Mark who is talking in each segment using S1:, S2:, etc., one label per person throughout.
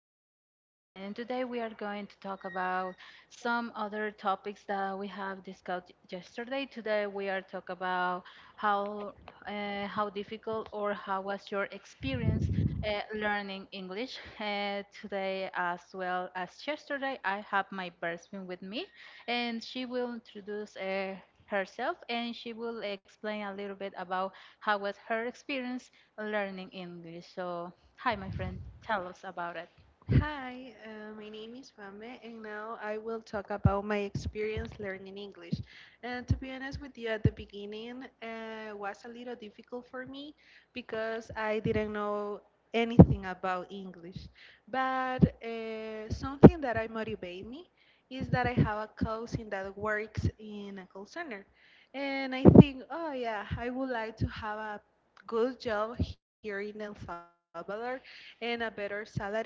S1: My name is Karen and today we are going to talk about some other topics that we have discussed yesterday. Today we are talk about how how difficult or how was your experience learning English. Today as well as yesterday I have my best friend with me and she will introduce herself and she will explain a little bit about how was her experience learning English. So, hi, my friend, tell us about it.
S2: Hi, my name is Fame, and now I will talk about my experience learning English. And to be honest with you, at the beginning, was a little difficult for me because I didn't know anything about English. But something that I motivate me is that I have a cousin that works in a call center, and I think, oh yeah, I would like to have a good job here in El Salvador and a better salary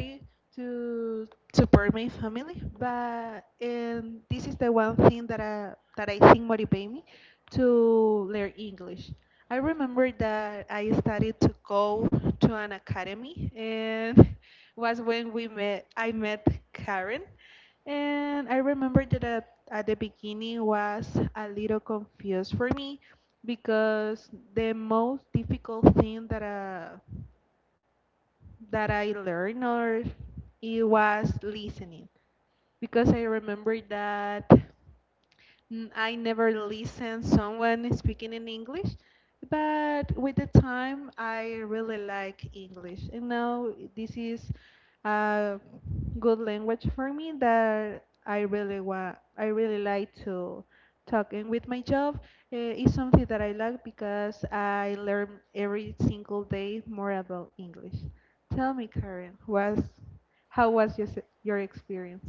S2: to support my family but and this is the one thing that that I think motivate me to learn English. I remember that I started to go to an academy and was when we met I met Karen and I remember that at the beginning was a little confused for me because the most difficult thing that that I learned or it was listening because I remember that I never listened someone speaking in English, but with the time I really like English, and now this is a good language for me that I really want. I really like to talk, and with my job, it's something that I like because I learn every single day more about English. Tell me, Karen, was how was your your experience?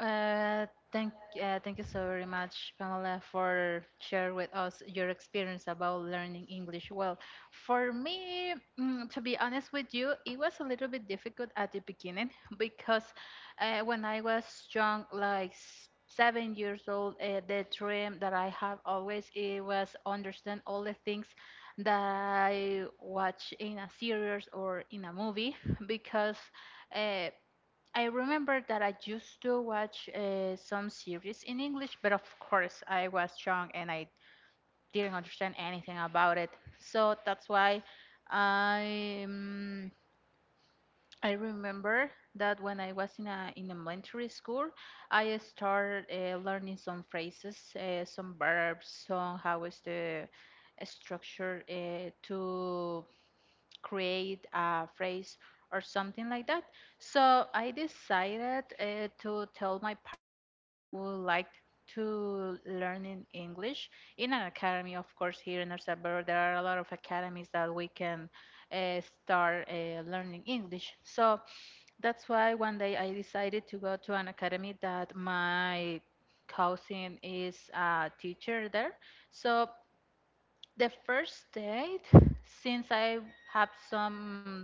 S1: Uh, thank, thank you so very much, Pamela, for share with us your experience about learning English. Well, for me, to be honest with you, it was a little bit difficult at the beginning because when I was young, like 7 years old, the dream that I have always it was understand all the things that I watch in a series or in a movie because. Uh, I remember that I used to watch some series in English, but of course I was young and I didn't understand anything about it. So that's why I um, I remember that when I was in elementary school, I started learning some phrases, some verbs, some how is the structure to create a phrase or something like that. So I decided to tell my parents that I would like to learn in English in an academy, of course, here in El Salvador. There are a lot of academies that we can start learning English. So that's why one day I decided to go to an academy that my cousin is a teacher there. So the first date, since I have some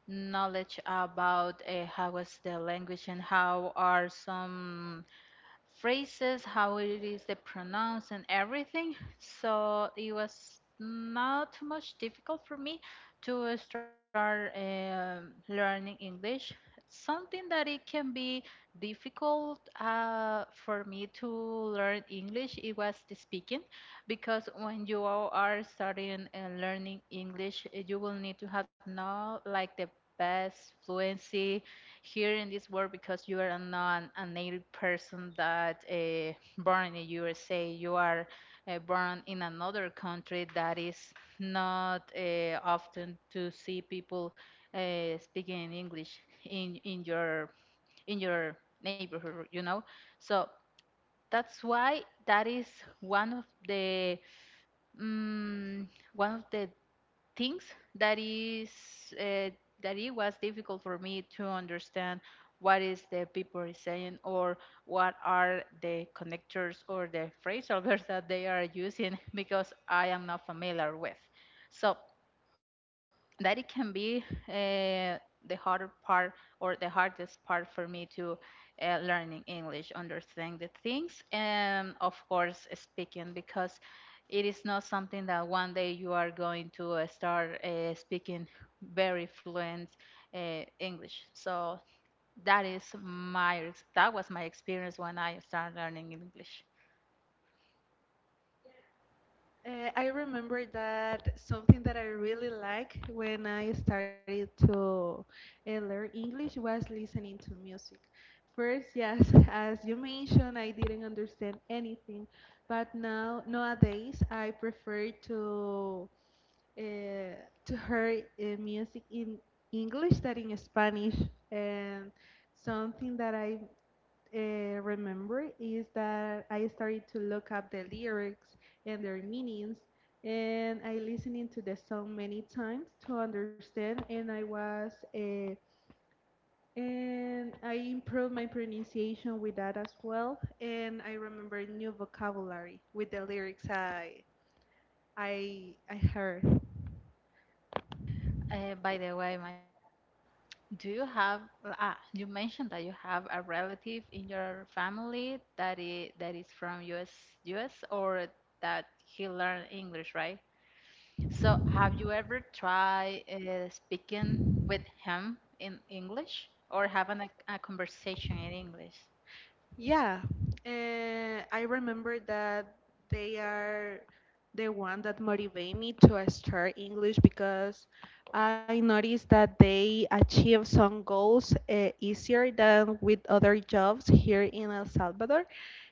S1: knowledge about how is the language and how are some phrases, how it is they pronounce and everything. So it was not too much difficult for me to start learning English. Something that it can be difficult for me to learn English, it was the speaking, because when you all are studying and learning English, you will need to have now like the best fluency here in this world because you are not a native person that born in the USA. You are born in another country that is not often to see people speaking in English in in your in your neighborhood. You know, so that's why that is one of the mm, one of the things that is uh, that it was difficult for me to understand what is the people is saying or what are the connectors or the phrasal verbs that they are using because I am not familiar with. So that it can be the harder part or the hardest part for me to learning English, understand the things, and of course speaking because it is not something that one day you are going to start speaking very fluent English. So that is that was my experience when I started learning English.
S2: I remember that something that I really like when I started to learn English was listening to music. First, yes, as you mentioned, I didn't understand anything, but now nowadays I prefer uh, to hear music in English than in Spanish, and something that I uh, remember is that I started to look up the lyrics and their meanings, and I listening to the song many times to understand, and I was and I improved my pronunciation with that as well, and I remember new vocabulary with the lyrics I heard.
S1: By the way, do you have, you mentioned that you have a relative in your family that is from US or that he learned English, right? So have you ever tried speaking with him in English or having a conversation in English?
S2: Yeah, I remember that they are the one that motivate me to start English because I noticed that they achieve some goals easier than with other jobs here in El Salvador.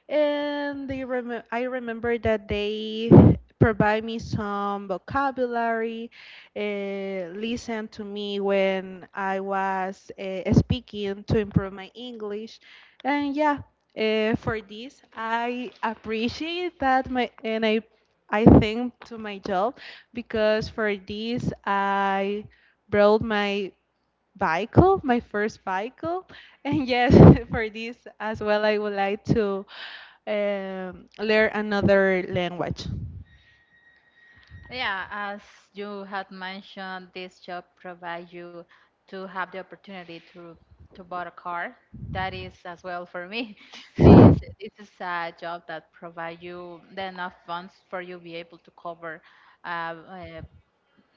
S2: And they I remember that they provide me some vocabulary, listen to me when I was speaking to improve my English. And yeah, for this, I appreciate that my and I think to my job because for this I brought my Bicycle, my first bicycle, And yes, for this as well, I would like to learn another language.
S1: Yeah, as you had mentioned, this job provides you to have the opportunity to buy a car. That is as well for me, since it is a job that provides you the enough funds for you be able to cover uh, uh,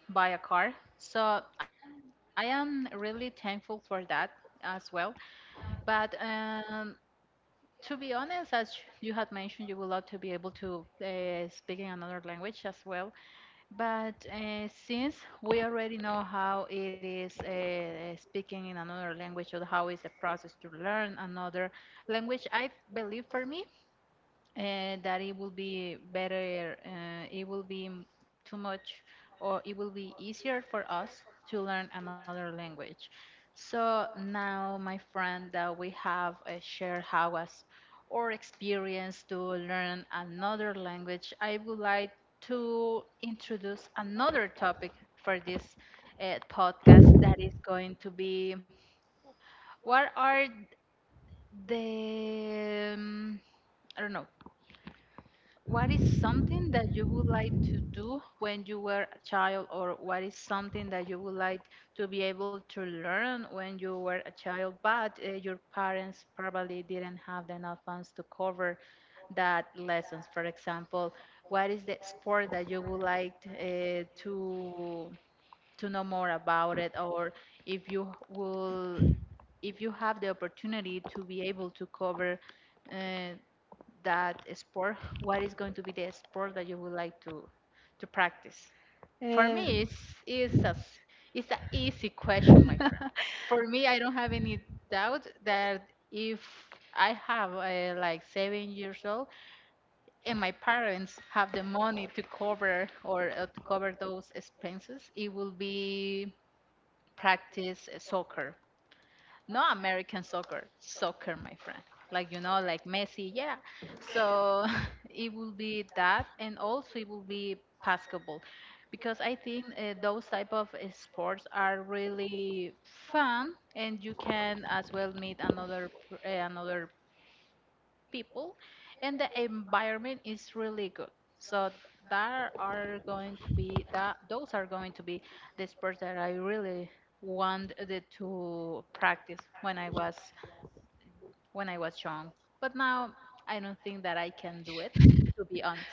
S1: buy a car. So I am really thankful for that as well. But to be honest, as you had mentioned, you would love to be able to speak in another language as well but since we already know how it is speaking in another language or how is the process to learn another language, I believe for me that it will be better, it will be too much, or it will be easier for us to learn another language. So now, my friend, that we have shared how was our experience to learn another language, I would like to introduce another topic for this podcast that is going to be what are the I don't know what is something that you would like to do when you were a child, or what is something that you would like to be able to learn when you were a child, but your parents probably didn't have enough funds to cover that lessons? For example, what is the sport that you would like to know more about it, or if you will, if you have the opportunity to be able to cover uh, that sport, what is going to be the sport that you would like to practice? For
S2: Uh,
S1: me, it's a s- it's an easy question, my friend. For me, I don't have any doubt that if I have like 7 years old and my parents have the money to cover those expenses, it will be practice soccer, no, American soccer, soccer, my friend. Like Messi, yeah. So it will be that, and also it will be basketball, because I think those type of sports are really fun, and you can as well meet another people and the environment is really good, so that are going to be that those are going to be the sports that I really wanted to practice when I was young. But now, I don't think that I can do it. To be honest,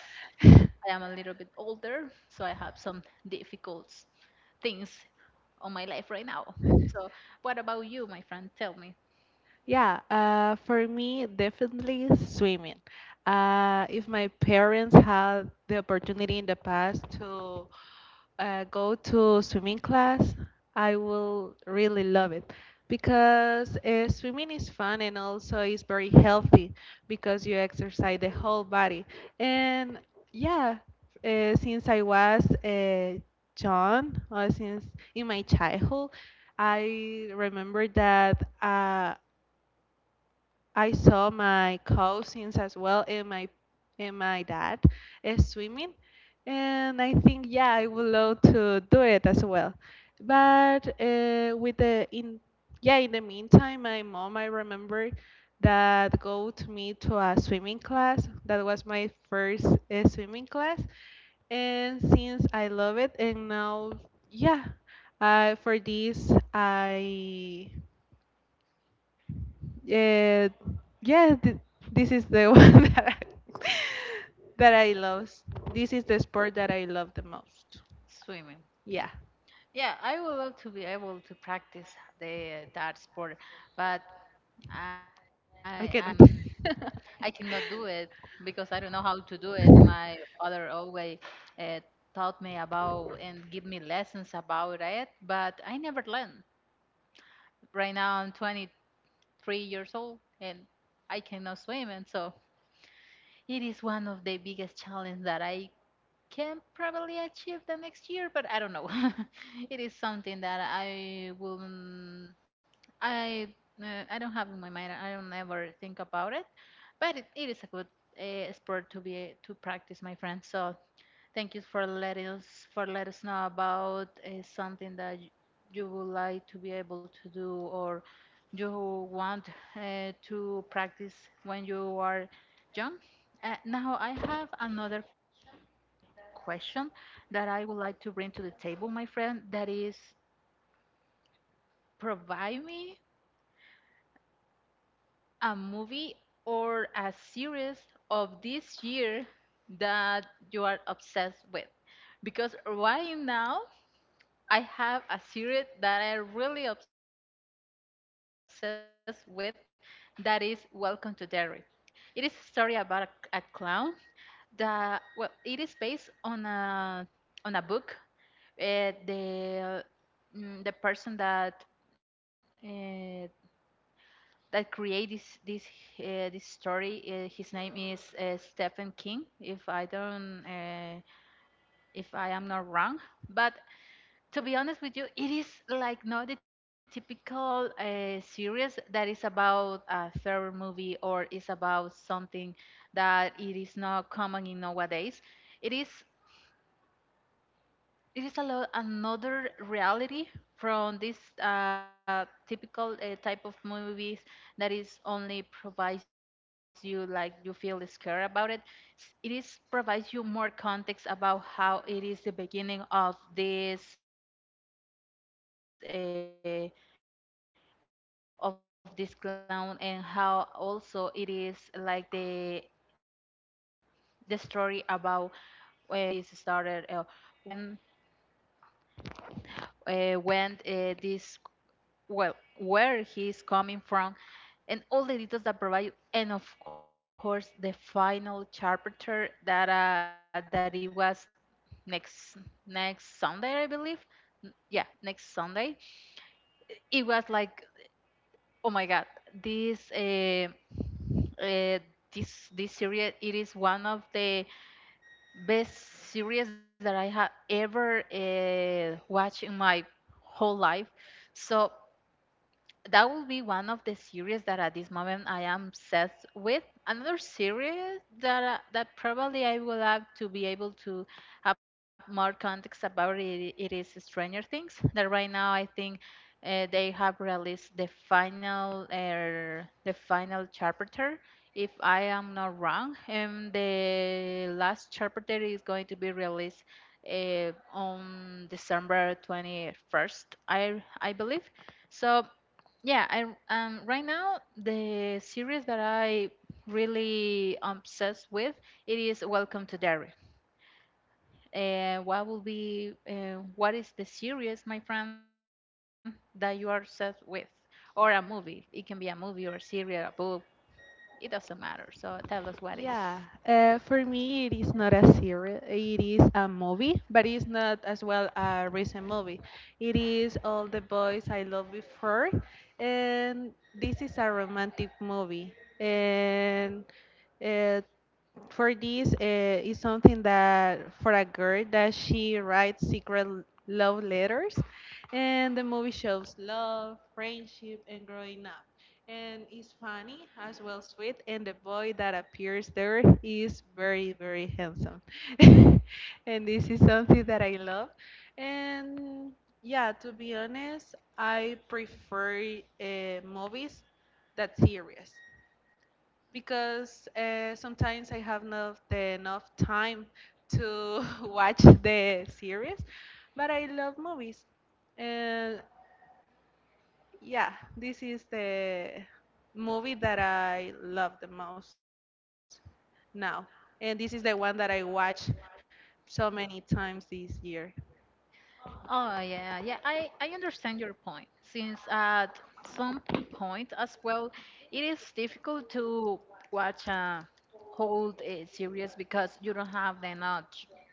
S1: I am a little bit older, so I have some difficult things on my life right now. So what about you, my friend? Tell me.
S2: Yeah, for me, definitely swimming. If my parents had the opportunity in the past to go to swimming class, I will really love it because swimming is fun and also is very healthy because you exercise the whole body. And yeah, since I was young or since in my childhood, I remember that. I saw my cousins as well and my dad swimming, and I think yeah, I would love to do it as well. But with the in yeah, in the meantime, my mom I remember that got me to a swimming class. That was my first swimming class, and since I love it, and now yeah, for this I yeah, yeah, this is the one that I, that I love. This is the sport that I love the most.
S1: Swimming.
S2: Yeah,
S1: Yeah, I would love to be able to practice the that sport, but I I
S2: I
S1: am
S2: cannot.
S1: I cannot do it because I don't know how to do it. My father always uh, taught me about and give me lessons about it, but I never learned. Right now I'm 23 years old and I cannot swim, and so it is one of the biggest challenge that I can probably achieve the next year, but I don't know. It is something that I will, mm, I, I don't have in my mind. I don't ever think about it, but it is a good sport to practice, my friend. So thank you for letting us for let us know about something that you would like to be able to do or you want to practice when you are young. Now I have another question that I would like to bring to the table, my friend. That is, provide me a movie or a series of this year that you are obsessed with, because right now. I have a series that I'm really obsessed with that is Welcome to Derry. It is a story about a clown that, well, it is based on on a book. Uh, the, the person uh, that created this story, his name is Stephen King, if I am not wrong. But to be honest with you, it is like not the typical series that is about a third movie or is about something that it is not common in nowadays. It is it is a lot another reality from this typical type of movies that is only provides you like you feel scared about it. It is provides you more context about how it is the beginning of this clown and how also it is like the story about how is this clown have a body, how this started when when this, well, where he is coming from and all the details that provide, and of course the final chapter that it was next next Sunday I believe. Yeah, next Sunday it was like oh my god, this uh, uh, this series, it is one of the best series that I have ever watched in my whole life, so that will be one of the series that at this moment I am obsessed with. Another series that probably I would like to be able to have more context about it, is Stranger Things. That right now I think they have released the final the final chapter, if I am not wrong, and the last chapter is going to be released on December 21st, I believe. So yeah, I right now the series that I really obsessed with it is Welcome to Derry. What will be what is the series, my friend, that you are obsessed with, or a movie? It can be a movie or a serial, a book. It doesn't matter. So tell us what is.
S2: Yeah, for me it is not a series. It is a movie, but it's not as well a recent movie. It is All the Boys I Loved Before, and this is a romantic movie. And uh, for this is something that for a girl that she writes secret love letters and the movie shows love friendship and growing up and it's funny as well sweet and the boy that appears there is very very handsome and this is something that I love and yeah to be honest I prefer movies that series because sometimes I have not the enough time to watch the series, but I love movies. And yeah, this is the movie that I love the most now. And this is the one that I watch so many times this year.
S1: Oh yeah, yeah. I understand your point. Since at some point as well, it is difficult to watch a whole series because you don't have the enough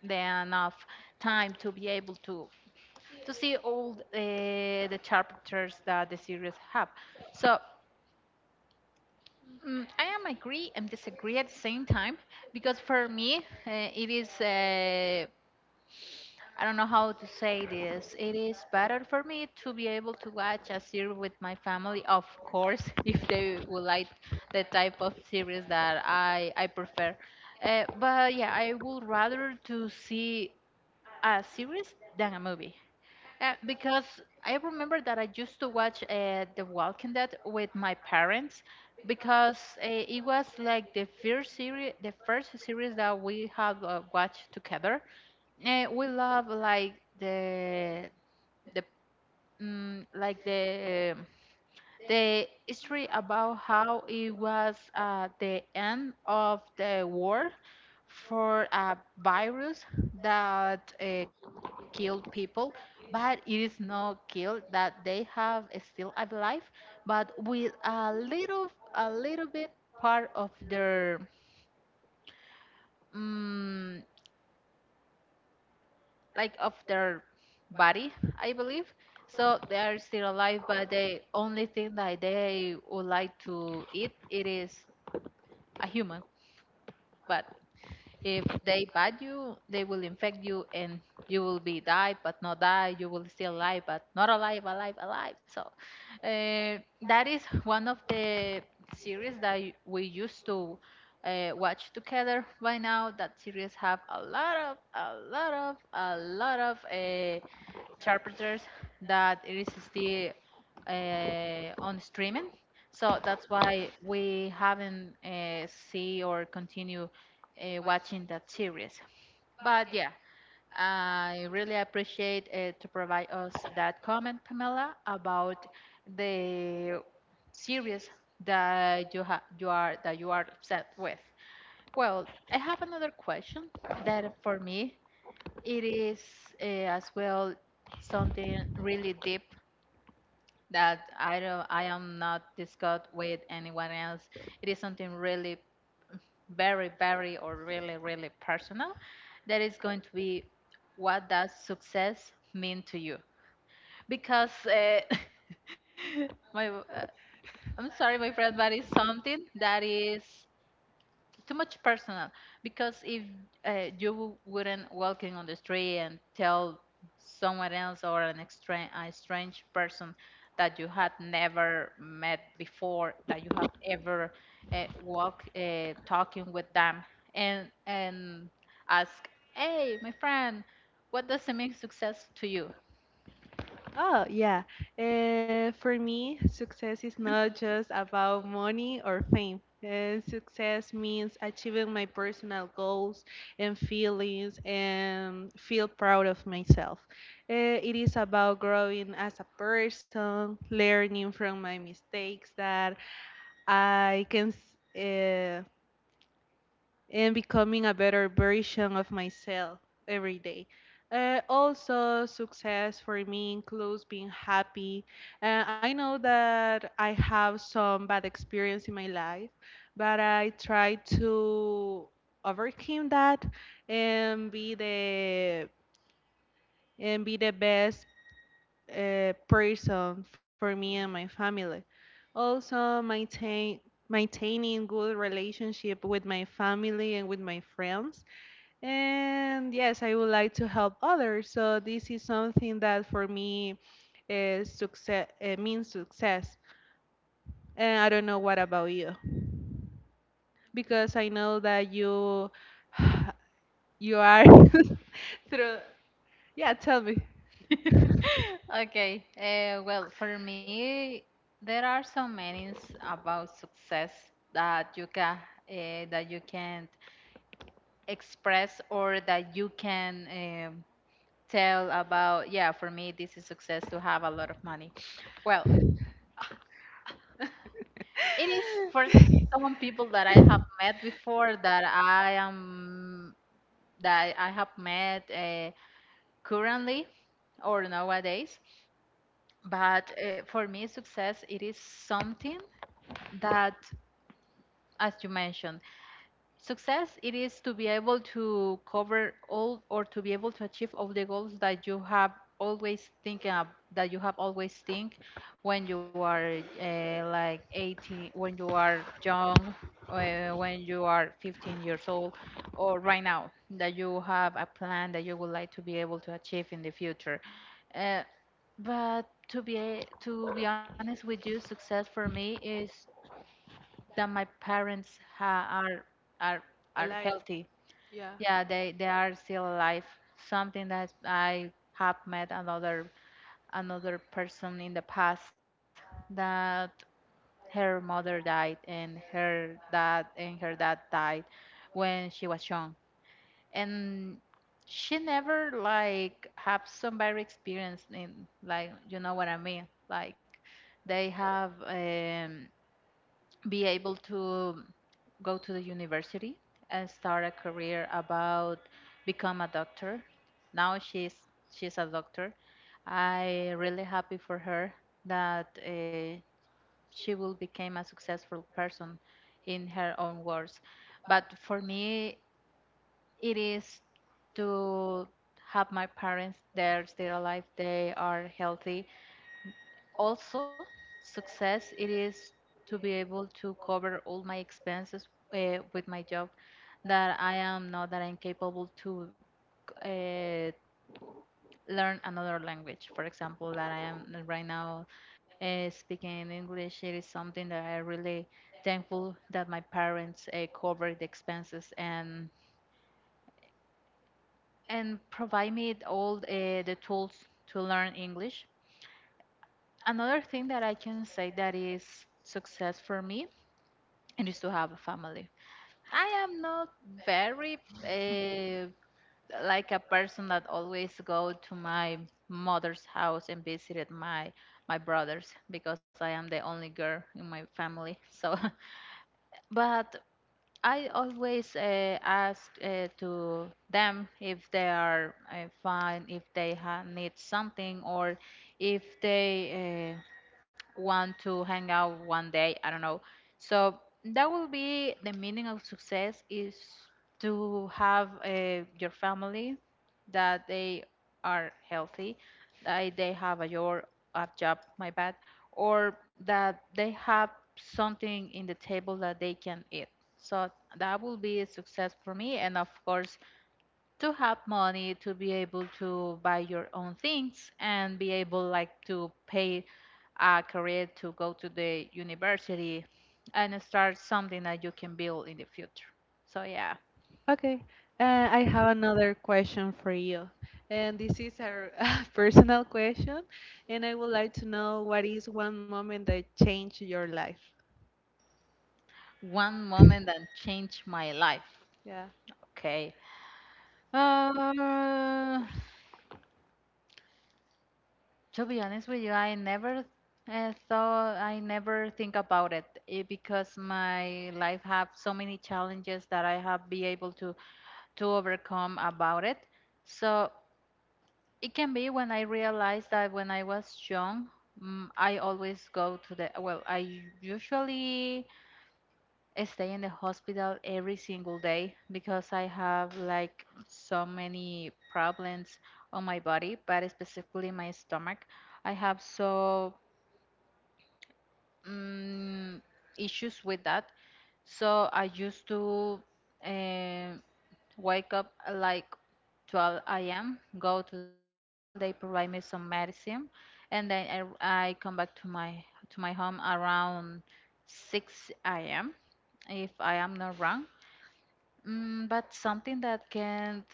S1: the enough time to be able to see all the chapters that the series have. So I am agree and disagree at the same time because for me it is. I don't know how to say this. It is better for me to be able to watch a series with my family, of course, if they would like the type of series that I prefer. But yeah, I would rather to see a series than a movie. Because I remember that I used to watch The Walking Dead with my parents because it was like the first series that we have watched together. We love the the like the history about how it was the end of the war for a virus that killed people, but it is not killed that they have still alive, but with a little bit part of their mm, like of their body, I believe. So they are still alive, but the only thing that they would like to eat it is a human. But if they bite you, they will infect you and you will be died but not die. You will still alive but not alive, alive, alive. So that is one of the series that we used to watch together by now. That series have a lot of, a lot of, a lot of chapters that it is still on streaming. So that's why we haven't see or continue watching that series. But yeah, I really appreciate to provide us that comment, Pamela, about the series that you ha you are that you are upset with. Well, I have another question that for me it is as well something really deep that I don't, I am not discussed with anyone else. It is something really very, very, or really, really personal. That is going to be: what does success mean to you? Because my, uh, I'm sorry, my friend, but it's something that is too much personal because if you wouldn't walking on the street and tell someone else or an extra a strange person that you had never met before that you have ever walk talking with them and ask, "Hey, my friend, what does it mean success to you?"
S2: Oh, yeah. For me, success is not just about money or fame. Success means achieving my personal goals and feelings and feel proud of myself. It is about growing as a person, learning from my mistakes that I can. And becoming a better version of myself every day. Also, success for me includes being happy. I know that I have some bad experience in my life, but I try to overcome that and be the best person for me and my family. Also, maintaining good relationship with my family and with my friends and yes, I would like to help others. So this is something that for me is success means success. And I don't know what about you because I know that you you are through. Yeah, tell me.
S1: Okay. Well, for me, there are so many about success that you can express or that you can tell about. Yeah, for me, this is success to have a lot of money. Well, it is for some people that I have met before that I am that I have met currently or nowadays. But for me, success it is something that, as you mentioned, success it is to be able to cover all or to be able to achieve all the goals that you have always thinking of, that you have always think when you are like 18, when you are young, when you are 15 years old, or right now that you have a plan that you would like to be able to achieve in the future, uh, but to be honest with you, success for me is that my parents are are
S2: Alive,
S1: healthy.
S2: yeah.
S1: Yeah, they are still alive. Something that I have met another person in the past that her mother died and her dad died when she was young. And she never like have some bad experience in, like, you know what I mean? Like, they have be able to go to the university and start a career about become a doctor. Now she's a doctor. I really happy for her that she will become a successful person in her own words. But for me, it is to have my parents there still alive. They are healthy. Also, success it is to be able to cover all my expenses with my job, that I am not, that I'm capable to uh, learn another language. For example, that I am right now speaking English. It is something that I really thankful that my parents covered the expenses and provide me all the tools to learn English. Another thing that I can say that is success for me and is to have a family. I am not very uh, like a person that always go to my mother's house and visited my brothers because I am the only girl in my family. So, but I always ask to them if they are fine, if they need something, or if they want to hang out one day, I don't know. So that will be the meaning of success: is to have your family, that they are healthy, that they have a job, my bad, or that they have something in the table that they can eat. So that will be a success for me, and of course to have money to be able to buy your own things and be able, like, to pay a career to go to the university and start something that you can build in the future. So yeah,
S2: Okay, I have another question for you. And this is a personal question, and I would like to know what is one moment that changed your life?
S1: one moment that changed my life.
S2: Yeah.
S1: Okay. Uh, To be honest with you, I never thought, I never think about it because my life have so many challenges that I have be able to overcome about it. So it can be when I realized that when I was young, I always go to the, well, I usually stay in the hospital every single day because I have, like, so many problems on my body, but specifically my stomach. I have so mm, issues with that. So I used to um wake up at like 12 a.m., go to the hospital. They provide me some medicine, and then I come back to my home around 6 a.m. if I am not wrong. But something that can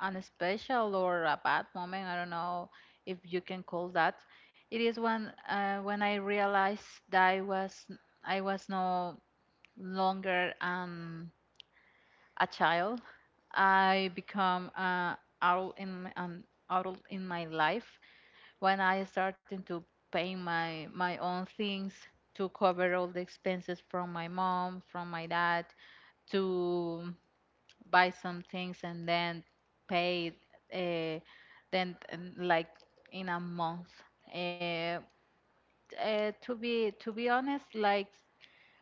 S1: an special or a bad moment. I don't know if you can call that. It is when I realized that I was no longer a child. I become an adult in my life when I started to pay my own things to cover all the expenses from my mom, from my dad, to buy some things and then pay, uh, then like in a month. Uh, to be honest, like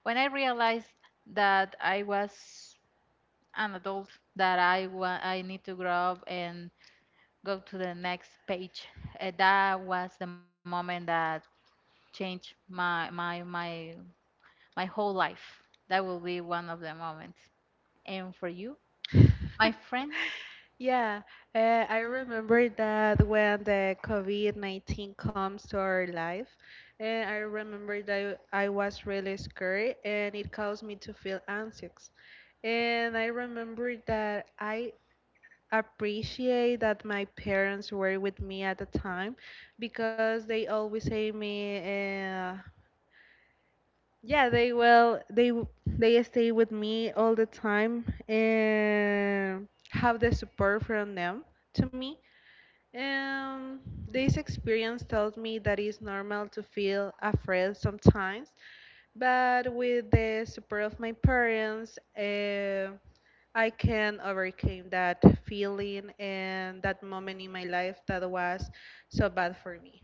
S1: when I realized that I was an adult, that I need to grow up and go to the next page. That was the moment that changed my whole life. That will be one of the moments. And for you, my friend?
S2: Yeah, uh, I remember that when the COVID-19 comes to our life, and I remember that I was really scared and it caused me to feel anxious. And I remember that I appreciate that my parents were with me at the time because they always say me, Yeah, they will. They they stay with me all the time and have the support from them to me. Um, this experience tells me that it's normal to feel afraid sometimes, but with the support of my parents, I can overcome that feeling and that moment in my life that was so bad for me.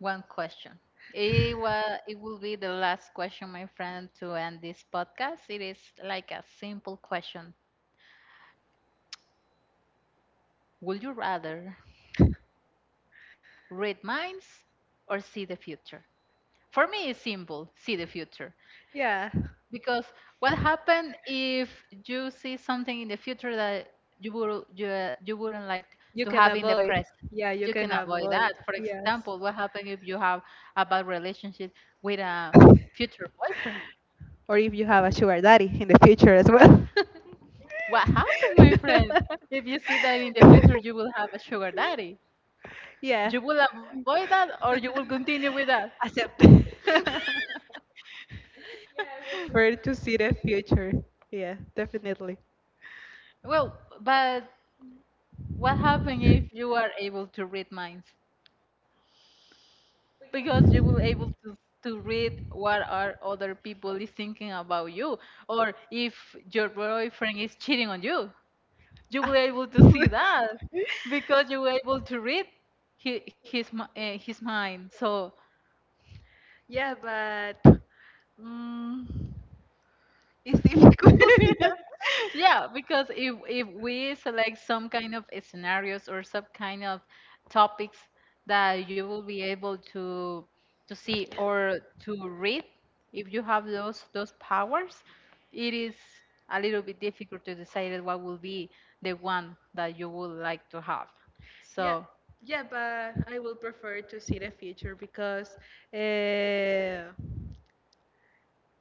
S1: One question. It will be the last question, my friend, to end this podcast. It is like a simple question. Would you rather read minds or see the future? For me, it's simple: see the future.
S2: Yeah,
S1: Because what happened if you see something in the future that you wouldn't like
S2: you
S1: to
S2: can
S1: have in the
S2: avoid.
S1: present?
S2: Yeah, you
S1: You can
S2: can
S1: avoid
S2: avoid.
S1: that. For example,
S2: Yes.
S1: what happened if you have a bad relationship with a future boyfriend?
S2: Or if you have a sugar daddy in the future as well.
S1: What happened, my friend? If you see that in the future you will have a sugar daddy,
S2: Yeah,
S1: you will avoid that or you will continue with that?
S2: accept. Yeah, I will prefer to see the future. Yeah, definitely.
S1: Well, but what happened if you are able to read minds? Because you will able to read what are other people is thinking about you, or if your boyfriend is cheating on you, you
S2: Ah.
S1: will able to see that because you were able to read his mind. So
S2: Yeah, but. Mm, it's difficult. Yeah.
S1: yeah, because if we select some kind of scenarios or some kind of topics that you will be able to see or to read, if you have those powers, it is a little bit difficult to decide what will be the one that you would like to have.
S2: Yeah,
S1: So,
S2: yeah, but I will prefer to see the future because uh,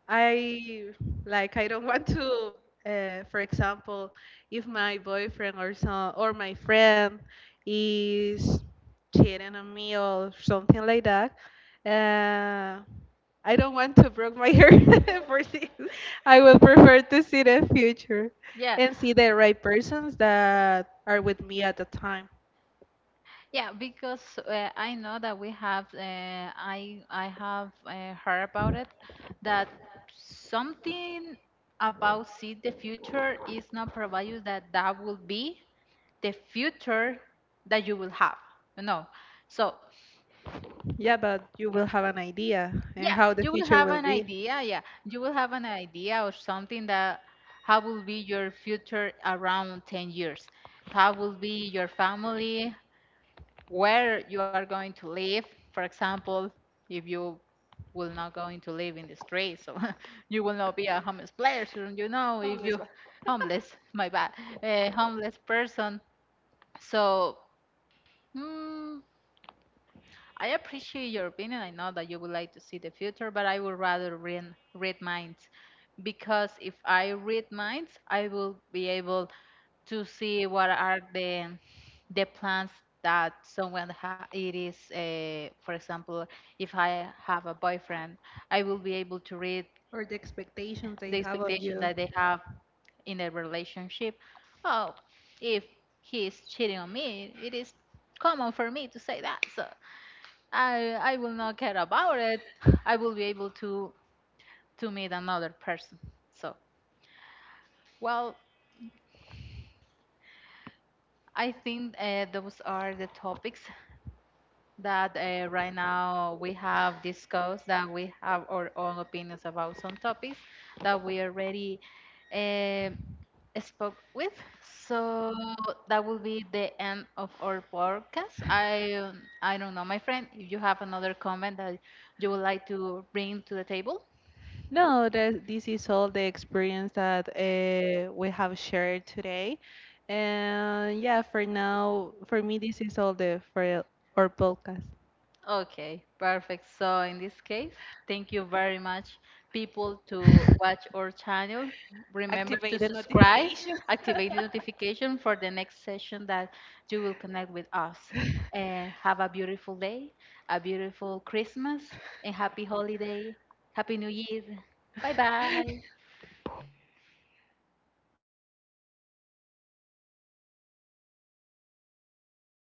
S2: I like I don't want to for example if my boyfriend or some or my friend is cheating on me or something like that uh, I don't want to broke my heart for this I would prefer to see the future
S1: yeah.
S2: and see the right persons that are with me at the time
S1: Yeah, because I know that we have, I have heard about it, that something about see the future is not provided that that will be the future that you will have. No, so
S2: yeah but you will have an idea
S1: yeah,
S2: and how the
S1: you will
S2: future
S1: have
S2: will
S1: an
S2: be
S1: idea. Yeah, you will have an idea or something that how will be your future around 10 years. How will be your family? Where you are going to live. For example, if you will not going to live in the street, so you will not be a homeless player. So if you homeless, my bad, a homeless person. So mm, I appreciate your opinion. I know that you would like to see the future, but I would rather read minds because if I read minds, I will be able to see what are the plans that someone ha- it is for example, if I have a boyfriend I will be able to read
S2: or the expectations they
S1: the
S2: have on
S1: expectation
S2: you
S1: that they have in a relationship. Oh, if he is cheating on me, it is common for me to say that, so I will not care about it. I will be able to meet another person. So well, I think those are the topics that right now we have discussed, that we have our own opinions about some topics that we already uh, spoke with. So that will be the end of our podcast. I don't know, my friend, if you have another comment that you would like to bring to the table.
S2: No, that this is all the experience that we have shared today. And yeah, for now, for me, this is all the for our podcast.
S1: Okay, perfect. So in this case, thank you very much, people, to watch our channel. Remember
S2: Activate
S1: to
S2: the
S1: subscribe,
S2: notification.
S1: activate the notification for the next session that you will connect with us. And have a beautiful day, a beautiful Christmas, and happy holiday, happy New Year. Bye bye.